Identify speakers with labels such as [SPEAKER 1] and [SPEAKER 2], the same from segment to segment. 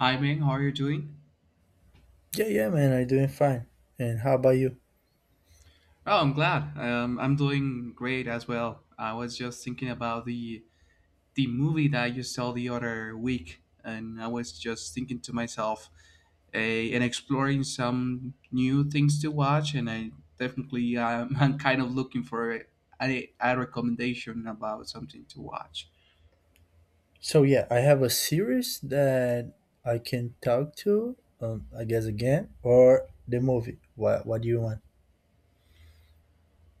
[SPEAKER 1] Hi Ming, how are you doing?
[SPEAKER 2] Yeah, yeah, man, I'm doing fine. And how about you?
[SPEAKER 1] Oh, I'm glad. I'm doing great as well. I was just thinking about the movie that you saw the other week, and I was just thinking to myself, and exploring some new things to watch. And I definitely I'm kind of looking for a recommendation about something to watch.
[SPEAKER 2] So yeah, I have a series that I can talk to, I guess again, or the movie. What do you want?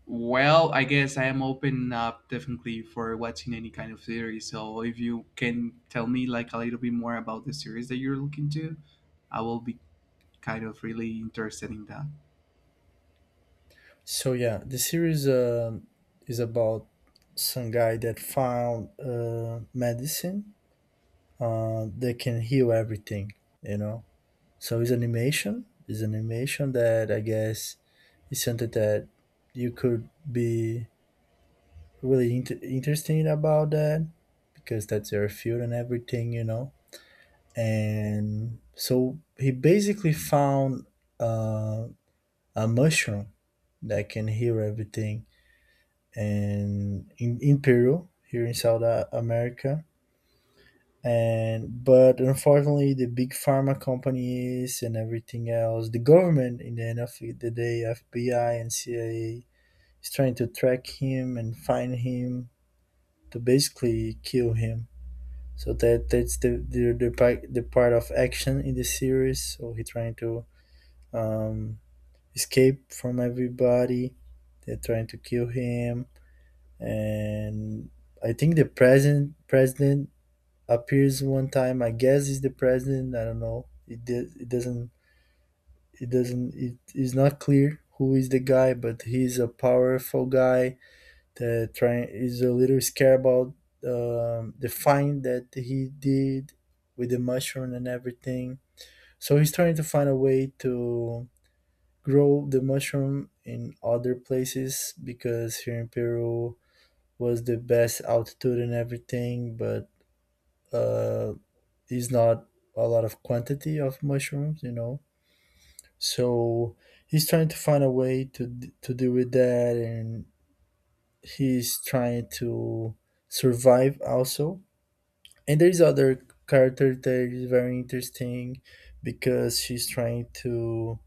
[SPEAKER 1] Well, I guess I am open up definitely for watching any kind of series. So if you can tell me like a little bit more about the series that you're looking to, I will be kind of really interested in that.
[SPEAKER 2] So yeah, the series is about some guy that found medicine that can heal everything. You know, so it's animation. It's animation that I guess is something that you could be really interesting about that because that's their field and everything, you know. And so he basically found uh, a mushroom that can heal everything, and in Peru, here in America. And but unfortunately, the big pharma companies and everything else, the government in the end of the day, FBI and CIA, is trying to track him and find him to basically kill him. So that's the part of action in the series. So he trying to um, escape from everybody. They're trying to kill him, and I think the president appears one time. I guess is the president. I don't know. It doesn't it doesn't, it is not clear who is the guy, but he's a powerful guy that trying is a little scared about the find that he did with the mushroom and everything. So he's trying to find a way to grow the mushroom in other places because here in Peru was the best altitude and everything, but uh, is not a lot of quantity of mushrooms, you know. So he's trying to find a way to to deal with that, and he's trying to survive also, and there is other character that is very interesting because she's trying to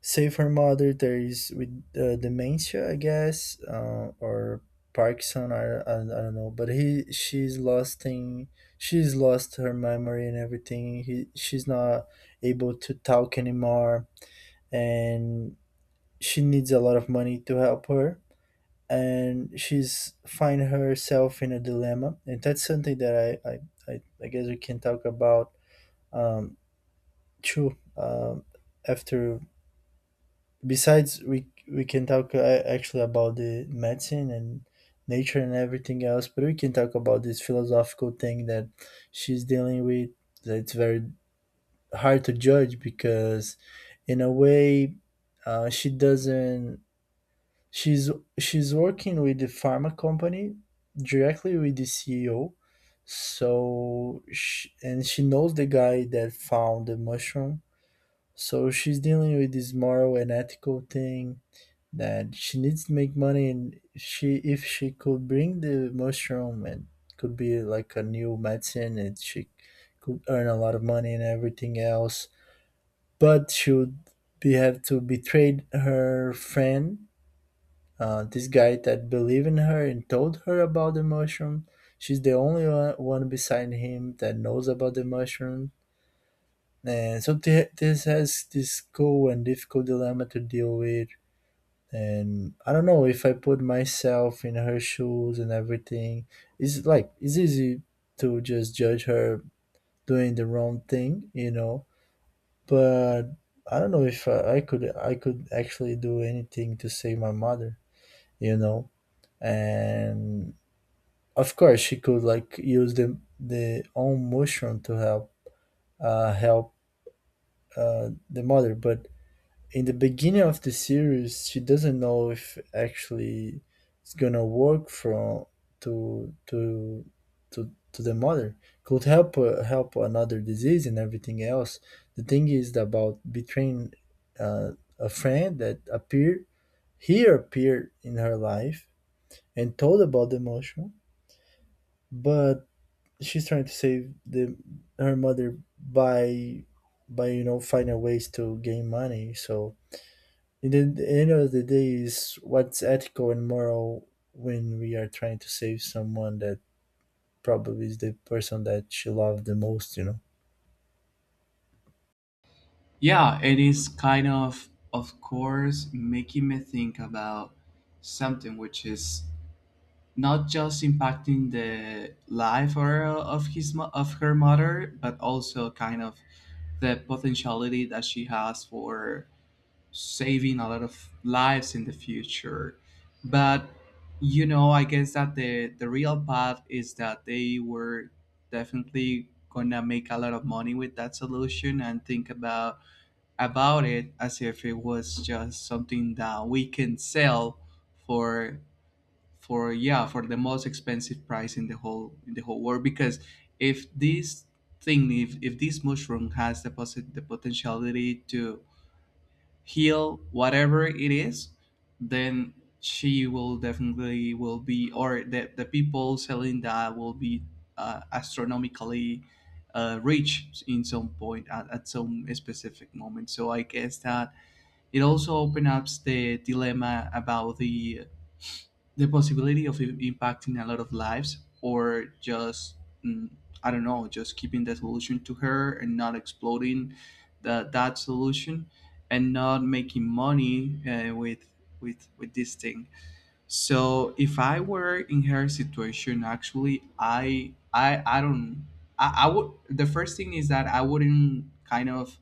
[SPEAKER 2] save her mother. There is with dementia I guess or Parkinson. I don't know, but he she's lost in She's lost her memory and everything. She's not able to talk anymore, and she needs a lot of money to help her, and she's find herself in a dilemma, and that's something that I guess we can talk about um too, after. Besides, we can talk actually about the medicine and nature and everything else, but we can talk about this philosophical thing that she's dealing with. That's very hard to judge because in a way she doesn't she's she's working with the pharma company directly with the CEO. So she, and she knows the guy that found the mushroom. So she's dealing with this moral and ethical thing that she needs to make money, and she, if she could bring the mushroom and could be like a new medicine, and she could earn a lot of money and everything else. But she would be have to betray her friend, this guy that believed in her and told her about the mushroom. She's the only one beside him that knows about the mushroom. And so this has this cool and difficult dilemma to deal with. And I don't know if I put myself in her shoes and everything. It's like it's easy to just judge her doing the wrong thing, you know. But I don't know if I could, I could actually do anything to save my mother, you know. And of course, she could like use the own mushroom to help uh, help the mother, but in the beginning of the series, she doesn't know if actually it's gonna work from to to to the mother. Could help help another disease and everything else. The thing is about betraying uh, a friend that appeared He appeared in her life and told about the mushroom, but she's trying to save the her mother by you know, finding ways to gain money. So in the end of the day, is what's ethical and moral when we are trying to save someone that probably is the person that she loved the most. You know.
[SPEAKER 1] Yeah, it is kind of course, making me think about something which is not just impacting the life or of of her mother, but also kind of the potentiality that she has for saving a lot of lives in the future. But you know, I guess that the real path is that they were definitely gonna make a lot of money with that solution and think about it as if it was just something that we can sell for for yeah for the most expensive price in the whole world because if this thing if this mushroom has the, the potentiality to heal whatever it is, then she will definitely will be, or the people selling that will be astronomically rich in some point at some specific moment. So I guess that it also opens up the dilemma about the possibility of impacting a lot of lives or just mm, I don't know, just keeping the solution to her and not exploding that solution and not making money with with this thing. So if I were in her situation, actually I don't, I would, the first thing is that I wouldn't kind of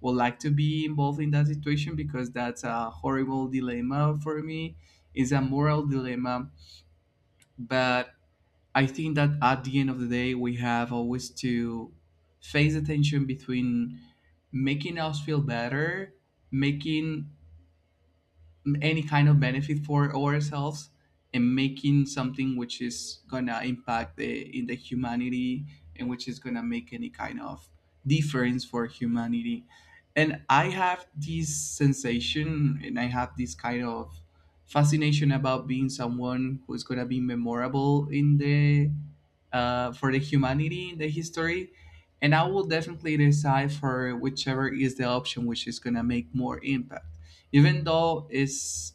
[SPEAKER 1] would like to be involved in that situation because that's a horrible dilemma for me. It's a moral dilemma, but I think that at the end of the day, we have always to face the tension between making us feel better, making any kind of benefit for ourselves, and making something which is gonna impact the in the humanity and which is gonna make any kind of difference for humanity. And I have this sensation and I have this kind of fascination about being someone who's gonna be memorable in the for the humanity in the history. And I will definitely decide for whichever is the option which is gonna make more impact, even though it's,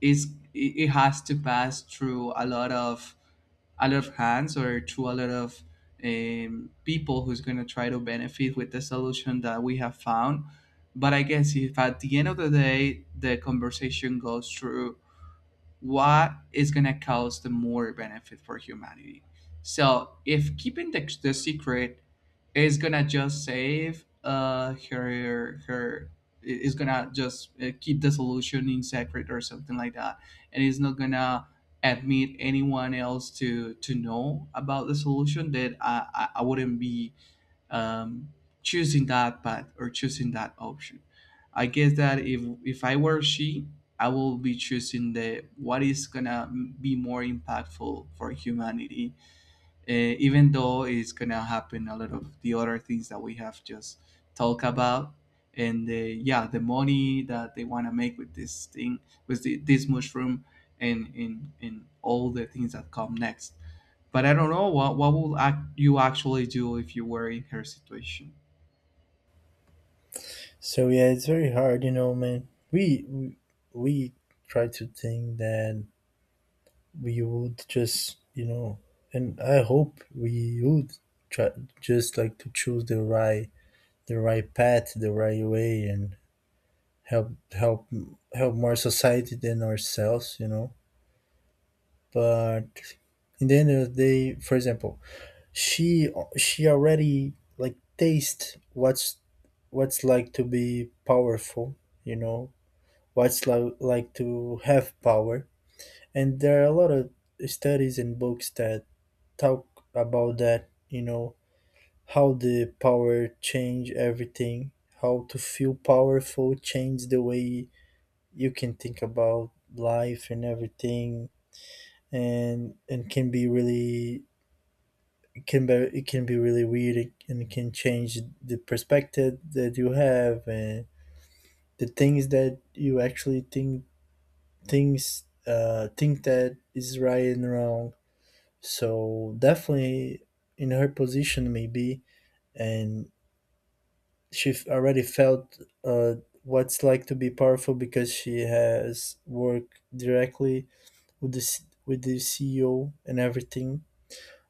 [SPEAKER 1] it's it has to pass through a lot of hands, or through a lot of people who's going to try to benefit with the solution that we have found. But I guess if at the end of the day the conversation goes through what is going to cause the more benefit for humanity. So if keeping the secret is going to just save her is going to just keep the solution in secret or something like that, and is not going to admit anyone else to know about the solution, that I wouldn't be um, choosing that path or choosing that option. I guess that if I were she, I will be choosing the what is gonna be more impactful for humanity, even though it's gonna happen a lot of the other things that we have just talked about. And the, yeah, the money that they want to make with this thing, with this mushroom, and, in and all the things that come next. But I don't know what will act you actually do if you were in her situation.
[SPEAKER 2] So yeah, it's very hard. You know, man. We try to think that we would just, you know, and I hope we would try just like to choose the right path, the right way, and help help more society than ourselves, you know. But in the end of the day, for example, she she already like taste what's like to be powerful, you know, what's like to have power, and there are a lot of studies and books that talk about that, you know, how the power change everything, how to feel powerful change the way you can think about life and everything, and can be really, it can be, it can be really weird, and it can change the perspective that you have, and the things that you actually think, things think that is right and wrong. So definitely in her position maybe, and already felt uh, what's like to be powerful because she has worked directly with the with the CEO and everything.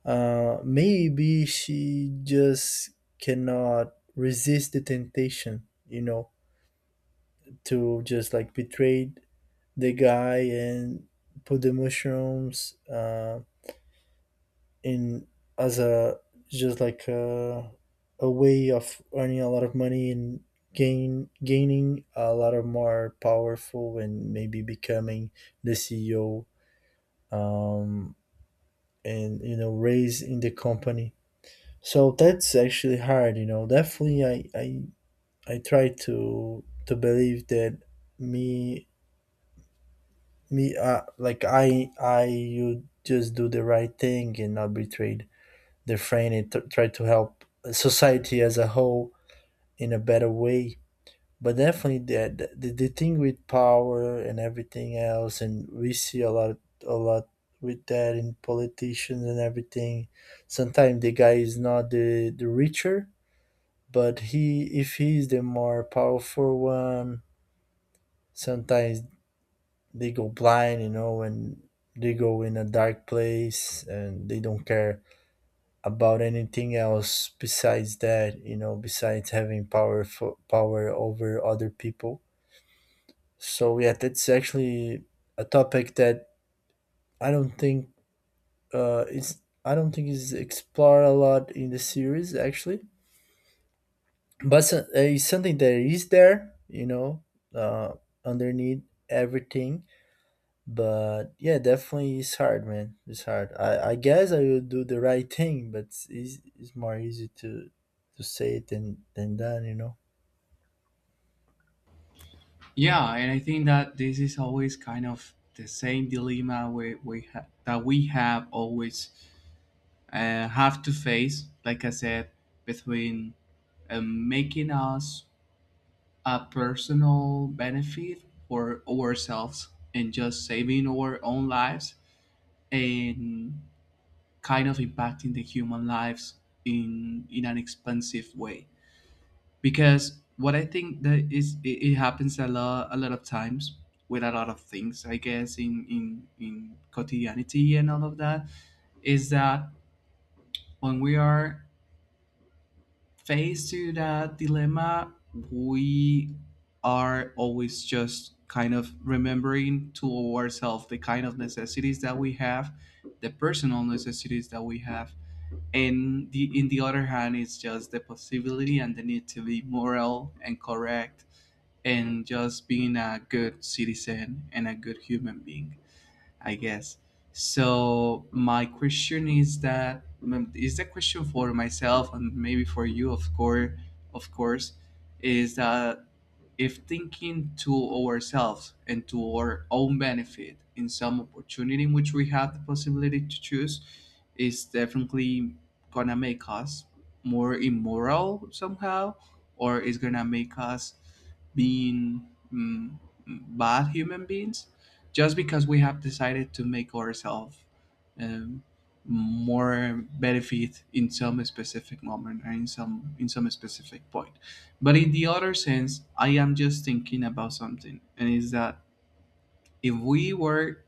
[SPEAKER 2] Maybe she just cannot resist the temptation, you know, to just like betray the guy and put the mushrooms. In, as a, just like a way of earning a lot of money and gaining a lot of more powerful, and maybe becoming the CEO, um, and you know, raise in the company. So that's actually hard, you know. Definitely, I try to believe that me me like I you just do the right thing and not be betrayed the Franny, try to help society as a whole in a better way. But definitely the thing with power and everything else, and we see a lot, a lot with that in politicians and everything. Sometimes the guy is not the richer, but he, if he is the more powerful one, sometimes they go blind, you know, and they go in a dark place and they don't care about anything else besides that, you know, besides having power for power over other people. So yeah, that's actually a topic that I don't think I don't think is explored a lot in the series actually, but it's something that is there, you know, uh, underneath everything. But yeah, definitely it's hard, man. It's hard. I guess I will do the right thing, but it's, it's more easy to say it than done, you know.
[SPEAKER 1] Yeah, and I think that this is always kind of the same dilemma that we have always have to face. Like I said, between making us a personal benefit for ourselves and just saving our own lives and kind of impacting the human lives in an expensive way. Because what I think that is it happens a lot of times with a lot of things, I guess, in in quotidianity and all of that, is that when we are faced to that dilemma, we are always just kind of remembering to ourselves the kind of necessities that we have, the personal necessities that we have, and the in the other hand it's just the possibility and the need to be moral and correct, and just being a good citizen and a good human being. I guess. So my question is that is the question for myself and maybe for you, of course, of course, is that if thinking to ourselves and to our own benefit in some opportunity in which we have the possibility to choose is definitely gonna make us more immoral somehow, or is gonna make us being bad human beings just because we have decided to make ourselves um, more benefit in some specific moment or in some specific point. But in the other sense, I am just thinking about something, and is that if we were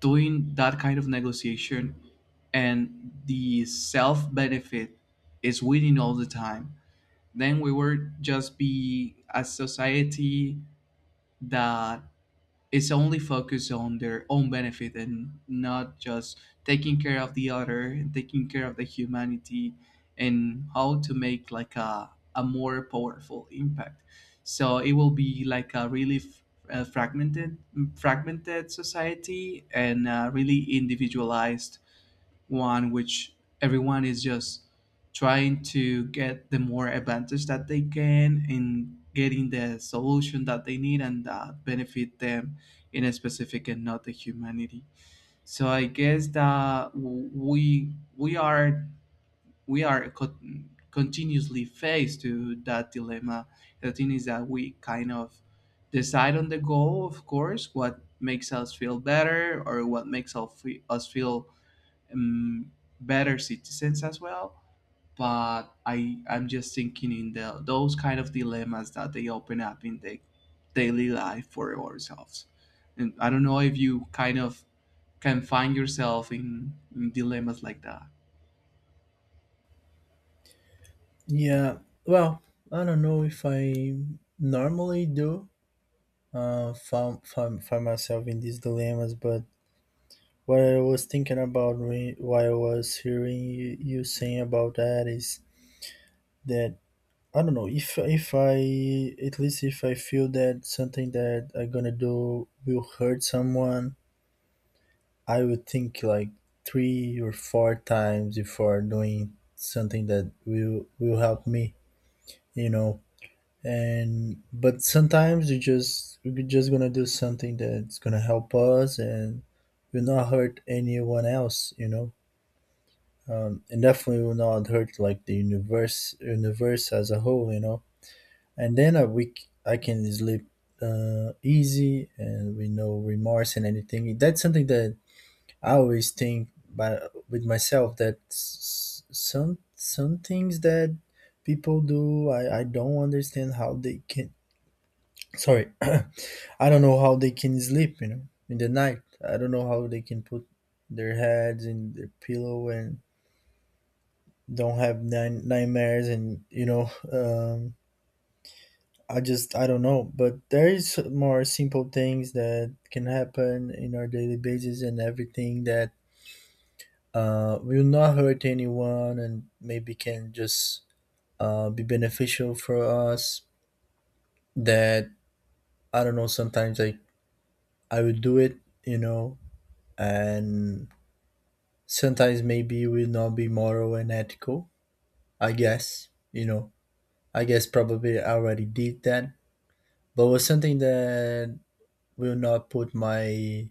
[SPEAKER 1] doing that kind of negotiation and the self benefit is winning all the time, then we would just be a society that is only focused on their own benefit and not just taking care of the other and taking care of the humanity, and how to make like a more powerful impact. So it will be like a really uh, fragmented fragmented society and really individualized one which everyone is just trying to get the more advantage that they can in getting the solution that they need and that benefit them in a specific and not the humanity. So I guess that we are, continuously faced to that dilemma. The thing is that we kind of decide on the goal, of course, what makes us feel better or what makes us feel um, better citizens as well. But I I'm just thinking in the those kind of dilemmas that they open up in the daily life for ourselves. And I don't know if you kind of can find yourself in dilemmas like that.
[SPEAKER 2] Yeah. Well, I don't know if I normally do find myself in these dilemmas, but what I was thinking about when, while I was hearing you, you saying about that is that I don't know if I, at least if I feel that something that I'm gonna do will hurt someone, I would think like three or four times before doing something that will help me, you know. And but sometimes you just, we're just gonna do something that's gonna help us and will not hurt anyone else, you know. And definitely will not hurt like the universe as a whole, you know. And then a week I can sleep easy and with no remorse and anything. That's something that I always think by, with myself, that some things that people do, I don't understand how they can. Sorry, I don't know how they can sleep. You know, in the night, I don't know how they can put their heads in their pillow and don't have nightmares. And you know, I just I don't know. But there is more simple things that can happen in our daily basis and everything that will not hurt anyone and maybe can just be beneficial for us, that I don't know, sometimes I will do it, you know. And sometimes maybe it will not be moral and ethical, I guess, you know. I guess probably I already did that, but was something that will not put my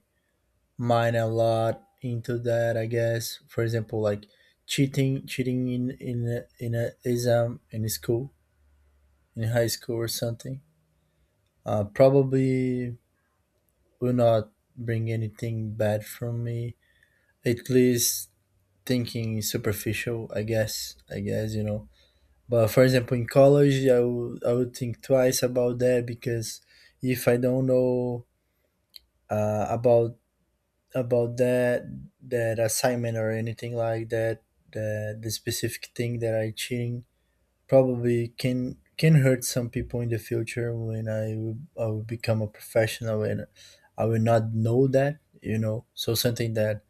[SPEAKER 2] mind a lot into that, I guess. For example, like cheating in in a exam in school, in high school or something. Probably will not bring anything bad from me. At least thinking superficial, I guess. I guess you know. But for example, in college, I would, I would think twice about that, because if I don't know uh, about about that, that assignment or anything like that, the specific thing that I cheating probably can hurt some people in the future when I will become a professional and I will not know that, you know. So something that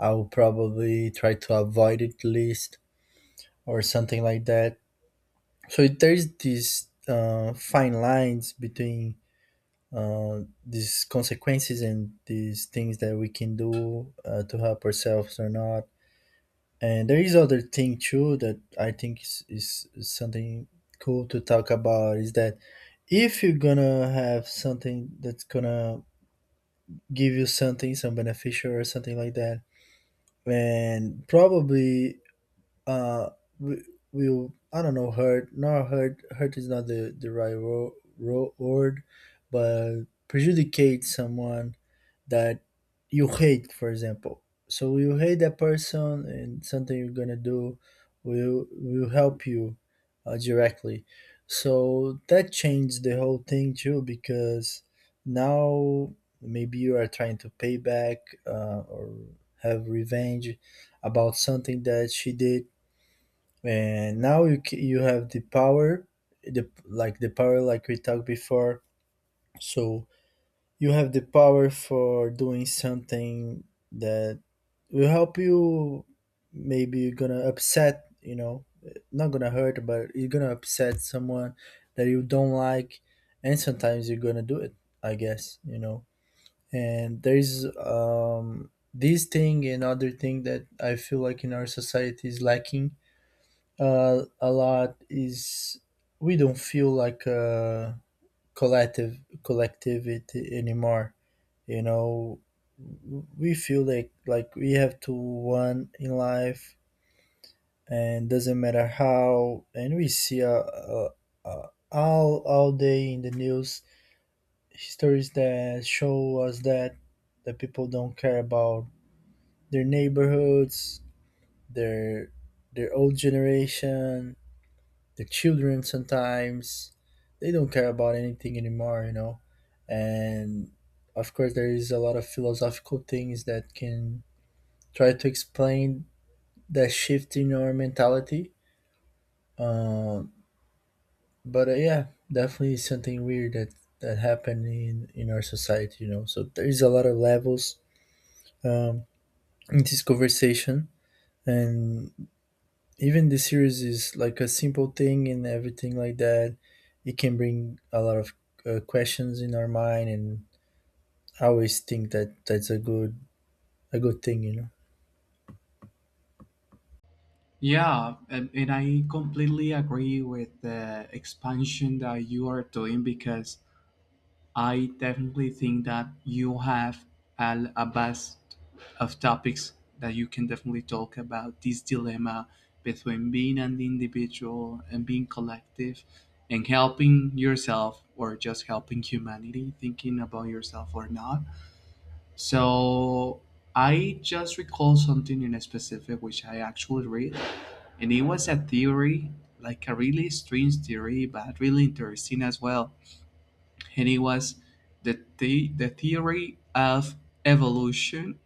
[SPEAKER 2] I will probably try to avoid at least, or something like that. So there's these fine lines between uh, these consequences and these things that we can do to help ourselves or not. And there is other thing too that I think is something cool to talk about is that if you're gonna have something that's gonna give you something, some beneficial or something like that, and probably uh we will, I don't know, hurt, not hurt, hurt is not the right word, but prejudicate someone that you hate, for example. So you hate that person, and something you're gonna do will help you directly. So that changed the whole thing too, because now maybe you are trying to pay back or have revenge about something that she did, and now you have the power, the, like the power like we talked before. So you have the power for doing something that will help you. Maybe you're gonna upset, you know, not gonna hurt, but you're gonna upset someone that you don't like, and sometimes you're gonna do it, I guess, you know. And there's this thing, and other thing that I feel like in our society is lacking a lot is we don't feel like a collective collectivity anymore, you know. We feel like we have to win in life, and doesn't matter how. And we see all day in the news stories that show us that the people don't care about their neighborhoods, their their old generation, their children sometimes. They don't care about anything anymore, you know. And of course there is a lot of philosophical things that can try to explain that shift in our mentality. Um, but yeah, definitely something weird that happened in our society. You know, so there is a lot of levels um, in this conversation, and even the series is like a simple thing and everything like that. It can bring a lot of questions in our mind, and I always think that that's a good thing. You know.
[SPEAKER 1] Yeah, and I completely agree with the expansion that you are doing because I definitely think that you have a vast of topics that you can definitely talk about this dilemma between being an individual and being collective, and helping yourself or just helping humanity, thinking about yourself or not. So I just recall something in a specific which I actually read, and it was a theory, like a really strange theory, but really interesting as well. Penny was the theory of evolution,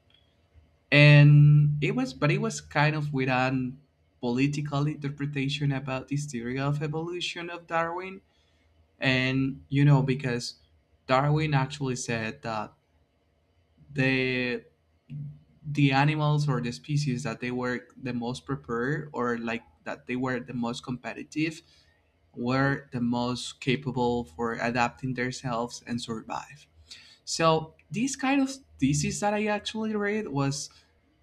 [SPEAKER 1] and it was but it was kind of with an political interpretation about this theory of evolution of Darwin, and you know because Darwin actually said that the the animals or the species that they were the most prepared or like that they were the most competitive were the most capable for adapting themselves and survive. So these kind of thesis that I actually read was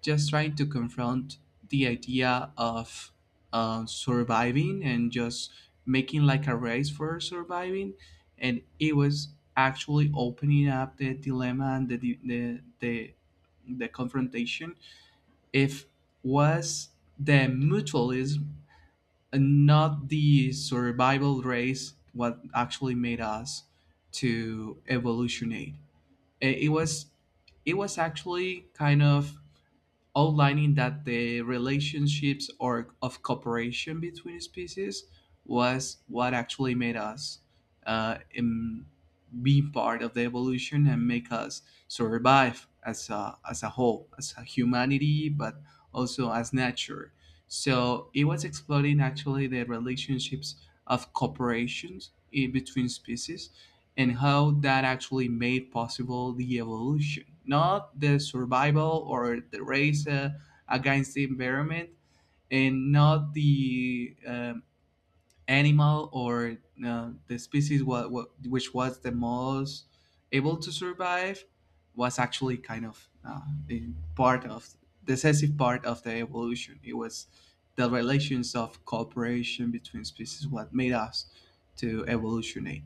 [SPEAKER 1] just trying to confront the idea of surviving and just making like a race for surviving, and it was actually opening up the dilemma and the the, the confrontation if was the mutualism and not the survival race what actually made us to evolutionate. It it was, it was actually kind of outlining that the relationships or of cooperation between species was what actually made us uh, em- be part of the evolution and make us survive as as a whole as a humanity, but also as nature. So it was exploring actually the relationships of cooperations in between species and how that actually made possible the evolution, not the survival or the race against the environment, and not the animal or the species what which was the most able to survive was actually kind of a part of decisive part of the evolution. It was the relations of cooperation between species what made us to evolutionate.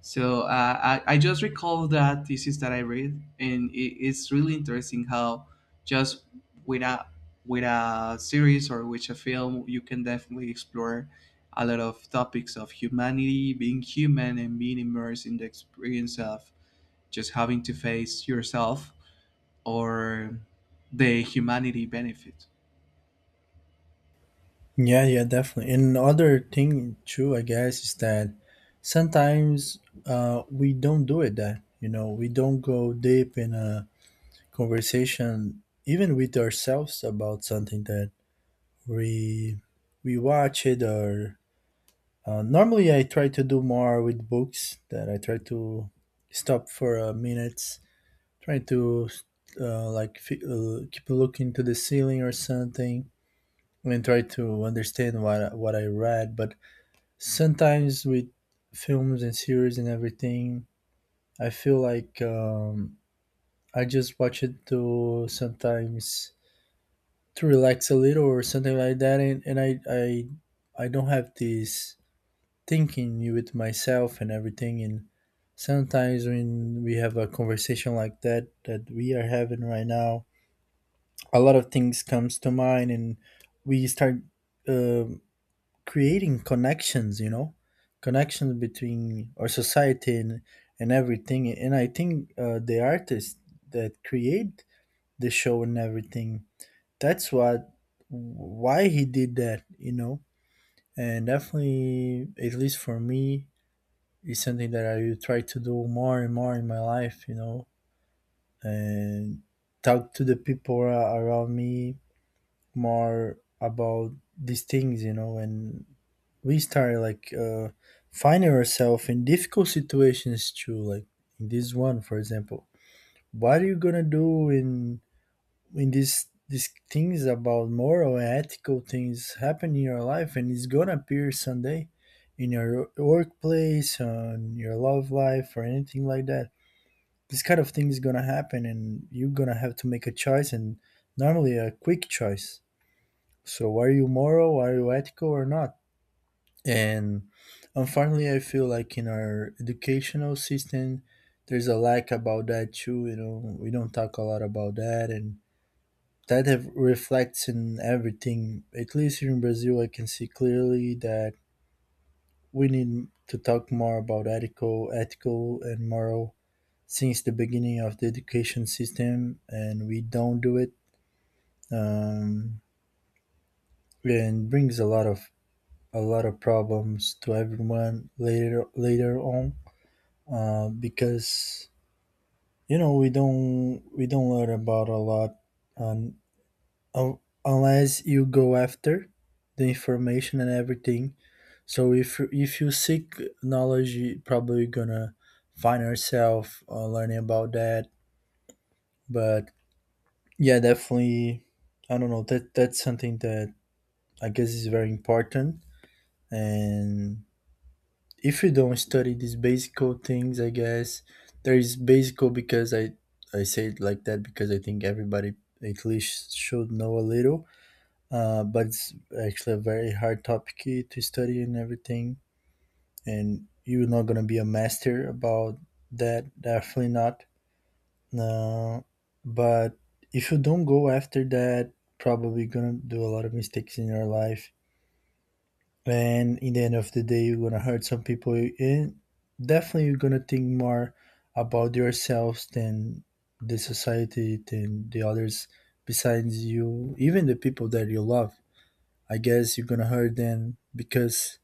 [SPEAKER 1] So I just recall that thesis that I read, and it's really interesting how just with a with a series or with a film, you can definitely explore a lot of topics of humanity, being human, and being immersed in the experience of just having to face yourself or the humanity benefit.
[SPEAKER 2] Yeah, yeah, definitely. And another thing too, I guess, is that sometimes we don't do it that, you know, we don't go deep in a conversation even with ourselves about something that we we watch it or normally I try to do more with books that I try to stop for a minutes, try to keep looking to the ceiling or something and try to understand what I read. But sometimes with films and series and everything, I feel like I just watch it to sometimes to relax a little or something like that, and, and I don't have this thinking with myself and everything. And sometimes when we have a conversation like that we are having right now, a lot of things comes to mind, and we start. um Creating connections, you know, connections between our society and everything. And I think the artists that create the show and everything, that's what, why he did that, you know. And definitely, at least for me, is something that I will try to do more and more in my life, you know. And talk to the people around me more about these things, you know. And we started like finding ourselves in difficult situations too, like in this one, for example. What are you gonna do in this, these things about moral and ethical things happen in your life, and it's gonna appear someday in your workplace, on your love life or anything like that. This kind of thing is gonna happen, and you're gonna have to make a choice, and normally a quick choice. So are you moral, are you ethical or not? And unfortunately, I feel like in our educational system, there's a lack about that too. You know, we don't talk a lot about that, and that have reflects in everything. At least here in Brazil, I can see clearly that we need to talk more about ethical and moral since the beginning of the education system, and we don't do it. Um, and brings a lot of problems to everyone later, on because, you know, we don't learn about a lot on un unless you go after the information and everything. So if you seek knowledge, you probably gonna find yourself learning about that. But yeah, definitely, I don't know. That's something that I guess is very important. And if you don't study these basic things, I guess, there is basic because I say it like that because I think everybody at least should know a little. But it's actually a very hard topic to study and everything, and you're not going to be a master about that, definitely not. No. But if you don't go after that, probably gonna do a lot of mistakes in your life, and in the end of the day you're gonna hurt some people. And definitely you're gonna think more about yourselves than the society, than the others besides you, even the people that you love. I guess you're gonna hurt them because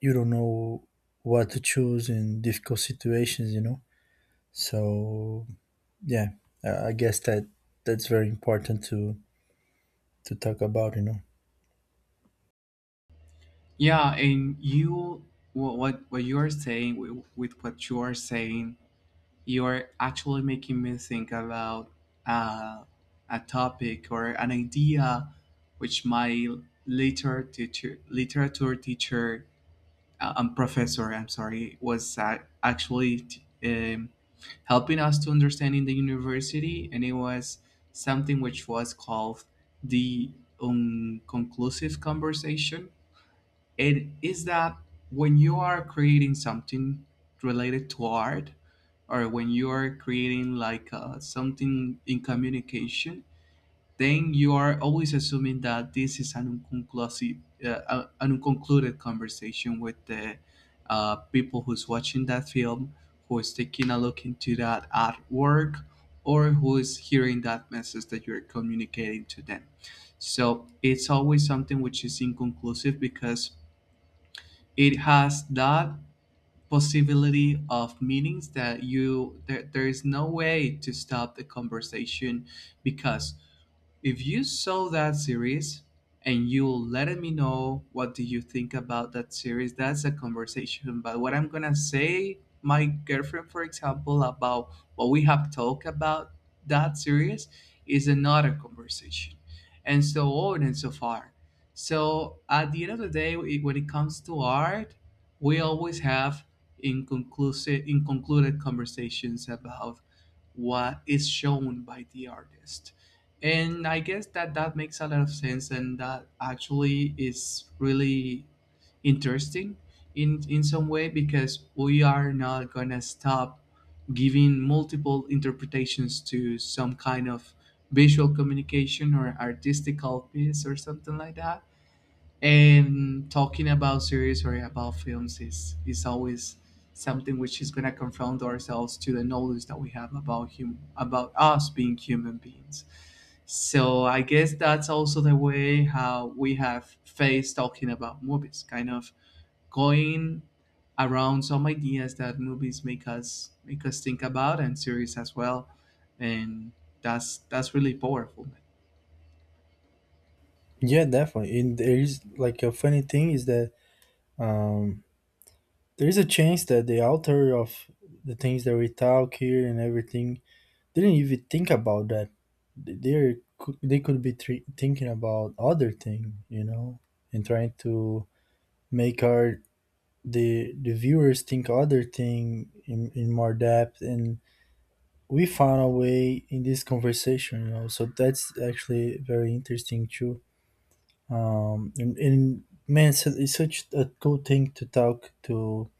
[SPEAKER 2] you don't know what to choose in difficult situations, you know. So yeah, I guess that that's very important to talk about, you know.
[SPEAKER 1] Yeah, and you, what you are saying with what you are saying, you are actually making me think about uh, a topic or an idea, which my literature teacher, professor, I'm sorry, was actually helping us to understand in the university, and it was something which was called the unconclusive conversation. It is that when you are creating something related to art, or when you are creating like something in communication, then you are always assuming that this is an unconclusive, an unconcluded conversation with the people who's watching that film, who is taking a look into that artwork, or who is hearing that message that you're communicating to them. So it's always something which is inconclusive because it has that possibility of meanings that there is no way to stop the conversation because if you saw that series and you let me know what do you think about that series, that's a conversation. But what I'm gonna say, my girlfriend, for example, about what we have talked about that series is another conversation, and so on and so far. So at the end of the day, when it comes to art, we always have inconclusive, inconcluded conversations about what is shown by the artist, and I guess that that makes a lot of sense and that actually is really interesting in some way because we are not gonna stop giving multiple interpretations to some kind of visual communication or artistical piece or something like that, and talking about series or about films is always something which is gonna confront ourselves to the knowledge that we have about hum about us being human beings. So I guess that's also the way how we have faced talking about movies, kind of going around some ideas that movies make us think about, and series as well. And that's really powerful.
[SPEAKER 2] Yeah, definitely. And there is like a funny thing is that um there is a chance that the author of the things that we talk here and everything didn't even think about that. They could be thinking about other thing, you know, and trying to make our, the viewers think other thing in more depth. And we found a way in this conversation, you know. So that's actually very interesting too. And man, so it's such a cool thing to talk to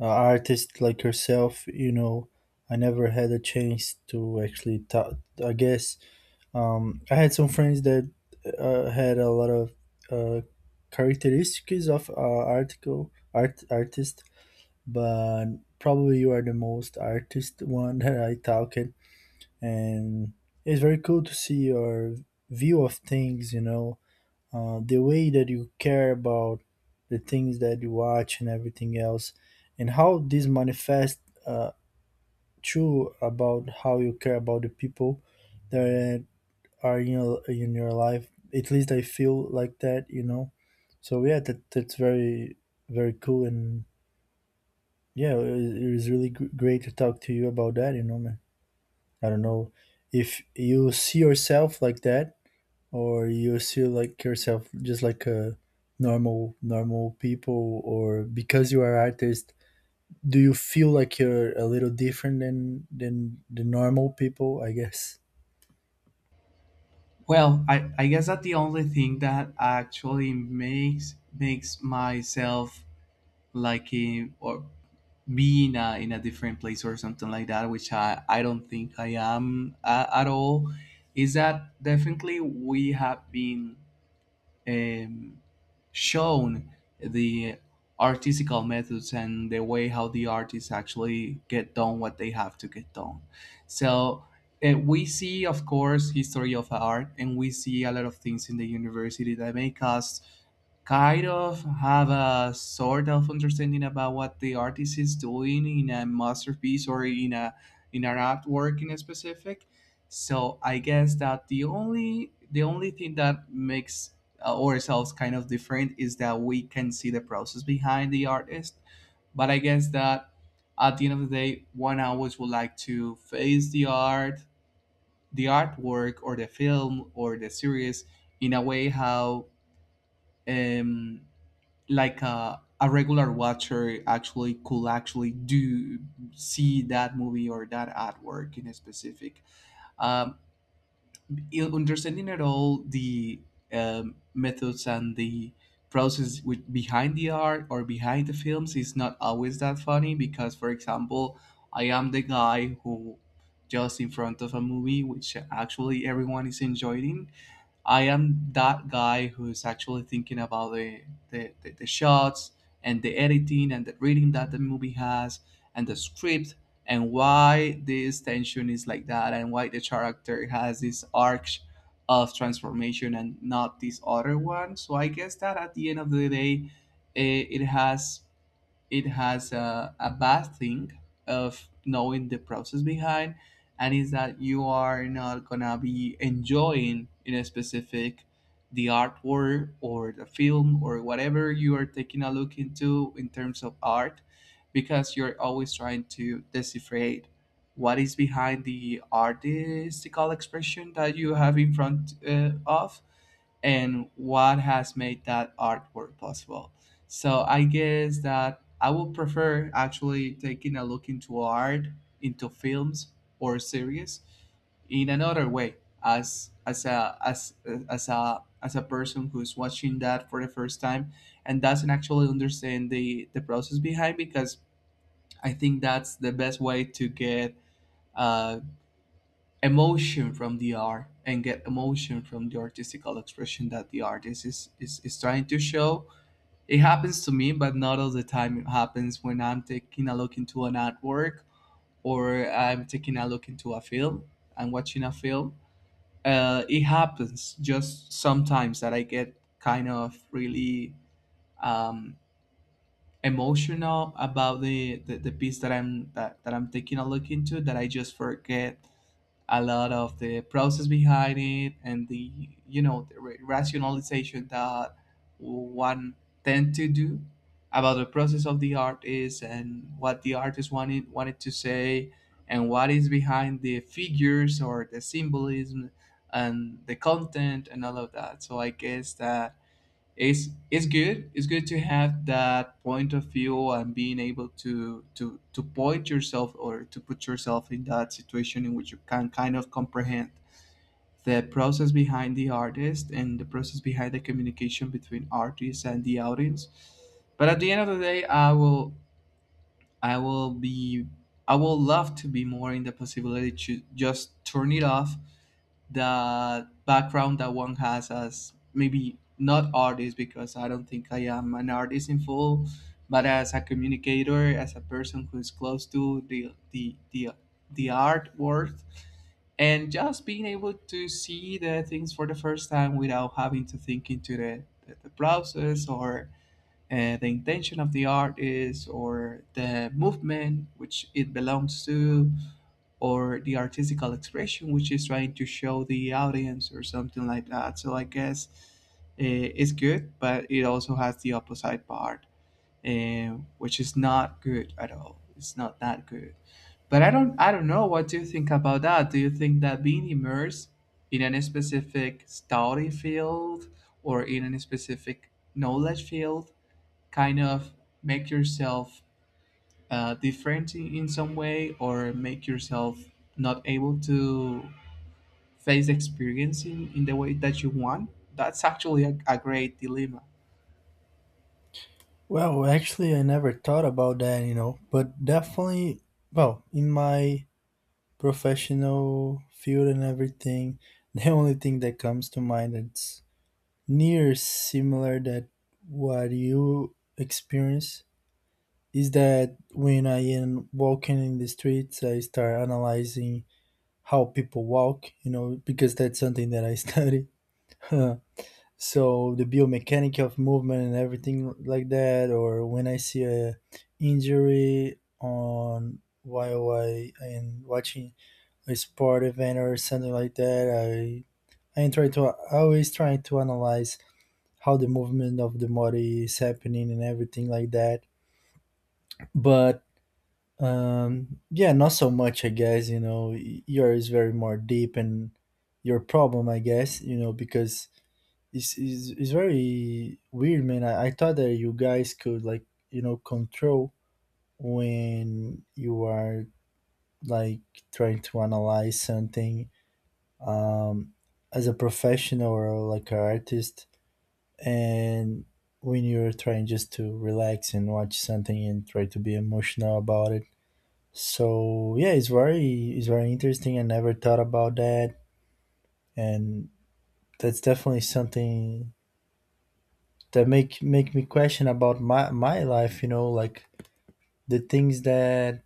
[SPEAKER 2] artist like herself, you know. I never had a chance to actually talk. I guess I had some friends that had a lot of uh, characteristics of article art artist, but probably you are the most artist one that I talked. And it's very cool to see your view of things. You know, the way that you care about the things that you watch and everything else, and how this manifests uh, true about how you care about the people that are in your life. At least I feel like that, you know. So yeah, that that's very very cool. And yeah, it was really great to talk to you about that, you know, man. I don't know if you see yourself like that or you still like yourself just like a normal people, or because you are artist do you feel like you're a little different than the normal people, I guess.
[SPEAKER 1] Well, I guess that the only thing that actually makes myself like in, or being in a different place or something like that, which I don't think I am at all, is that definitely we have been um, shown the artistical methods and the way how the artists actually get done what they have to get done. So we see, of course, history of art, and we see a lot of things in the university that make us kind of have a sort of understanding about what the artist is doing in a masterpiece or in a in an artwork in a specific. So I guess that the only thing that makes ourselves kind of different is that we can see the process behind the artist. But I guess that at the end of the day, one always would like to face the art, the artwork, or the film, or the series in a way how, um, like a regular watcher actually could actually do see that movie or that artwork in a specific. Um, you understanding at all the methods and the behind the art or behind the films is not always that funny because, for example, I am the guy who, just in front of a movie which actually everyone is enjoying, I am that guy who's actually thinking about the shots and the editing and the reading that the movie has and the script and why this tension is like that and why the character has this arc of transformation and not this other one. So I guess that at the end of the day, eh, it has it has a bad thing of knowing the process behind, and is that you are not gonna be enjoying in a specific the artwork or the film or whatever you are taking a look into in terms of art, because you're always trying to decipherate what is behind the artistical expression that you have in front of, and what has made that artwork possible. So I guess that I would prefer actually taking a look into art, into films or series in another way, as as a as as a person who's watching that for the first time and doesn't actually understand the process behind, because I think that's the best way to get uh, emotion from the art and get emotion from the artistical expression that the artist is trying to show. It happens to me, but not all the time. It happens when I'm taking a look into an artwork or I'm taking a look into a film. I'm watching a film. It happens just sometimes that I get kind of really um, emotional about the piece that that I'm taking a look into, that I just forget a lot of the process behind it and the you know the rationalization that one tend to do about the process of the artist and what the artist wanted to say and what is behind the figures or the symbolism and the content and all of that. So I guess that it's good to have that point of view and being able to point yourself or to put yourself in that situation in which you can kind of comprehend the process behind the artist and the process behind the communication between artists and the audience. But at the end of the day, I will be I will love to be more in the possibility to just turn it off, the background that one has as maybe not artist, because I don't think I am an artist in full, but as a communicator, as a person who is close to the art world, and just being able to see the things for the first time without having to think into the process, or the intention of the art is, or the movement which it belongs to, or the artistical expression which is trying to show the audience, or something like that. So I guess it's good, but it also has the opposite part, which is not good at all. It's not that good. But I don't know. What do you think about that? Do you think that being immersed in any specific study field or in any specific knowledge field kind of make yourself different in some way, or make yourself not able to face the experience in the way that you want? That's actually a great dilemma.
[SPEAKER 2] Well, actually I never thought about that, you know, but definitely, well, in my professional field and everything the only thing that comes to mind that's near similar that what you experience is that when I am walking in the streets, I start analyzing how people walk, you know, because that's something that I study. So the biomechanic of movement and everything like that, or when I see a injury on while I am watching a sport event or something like that, I always try to analyze how the movement of the body is happening and everything like that. But yeah, not so much, I guess. You know, yours is very more deep and your problem, I guess. You know, because it's very weird, man. I thought that you guys could, like, you know, control when you are like trying to analyze something, um, as a professional or like an artist, and when you're trying just to relax and watch something and try to be emotional about it. So yeah, it's very interesting. I never thought about that, and that's definitely something that make me question about my life. You know, like the things that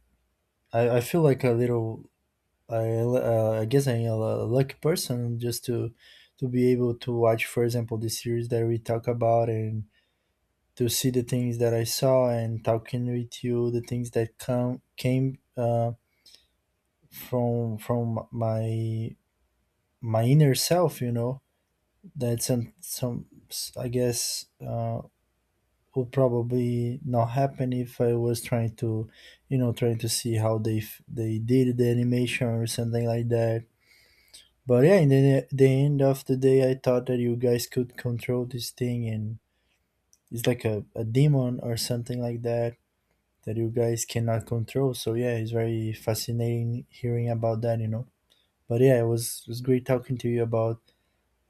[SPEAKER 2] I feel like a little. I guess I'm a lucky person just to be able to watch, for example, the series that we talk about, and to see the things that I saw and talking with you, the things that come came from my, my inner self, you know. That some, I guess, would probably not happen if I was trying to, you know, trying to see how they they did the animation or something like that. But yeah, in the end of the day, I thought that you guys could control this thing, and it's like a demon or something like that that you guys cannot control. So yeah, it's very fascinating hearing about that, you know. But yeah, it was, it was great talking to you about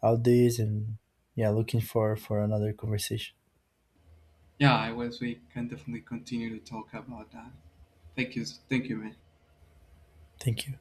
[SPEAKER 2] all this, and yeah, looking for another conversation.
[SPEAKER 1] Yeah, I wish we can definitely continue to talk about that. Thank you, man.
[SPEAKER 2] Thank you.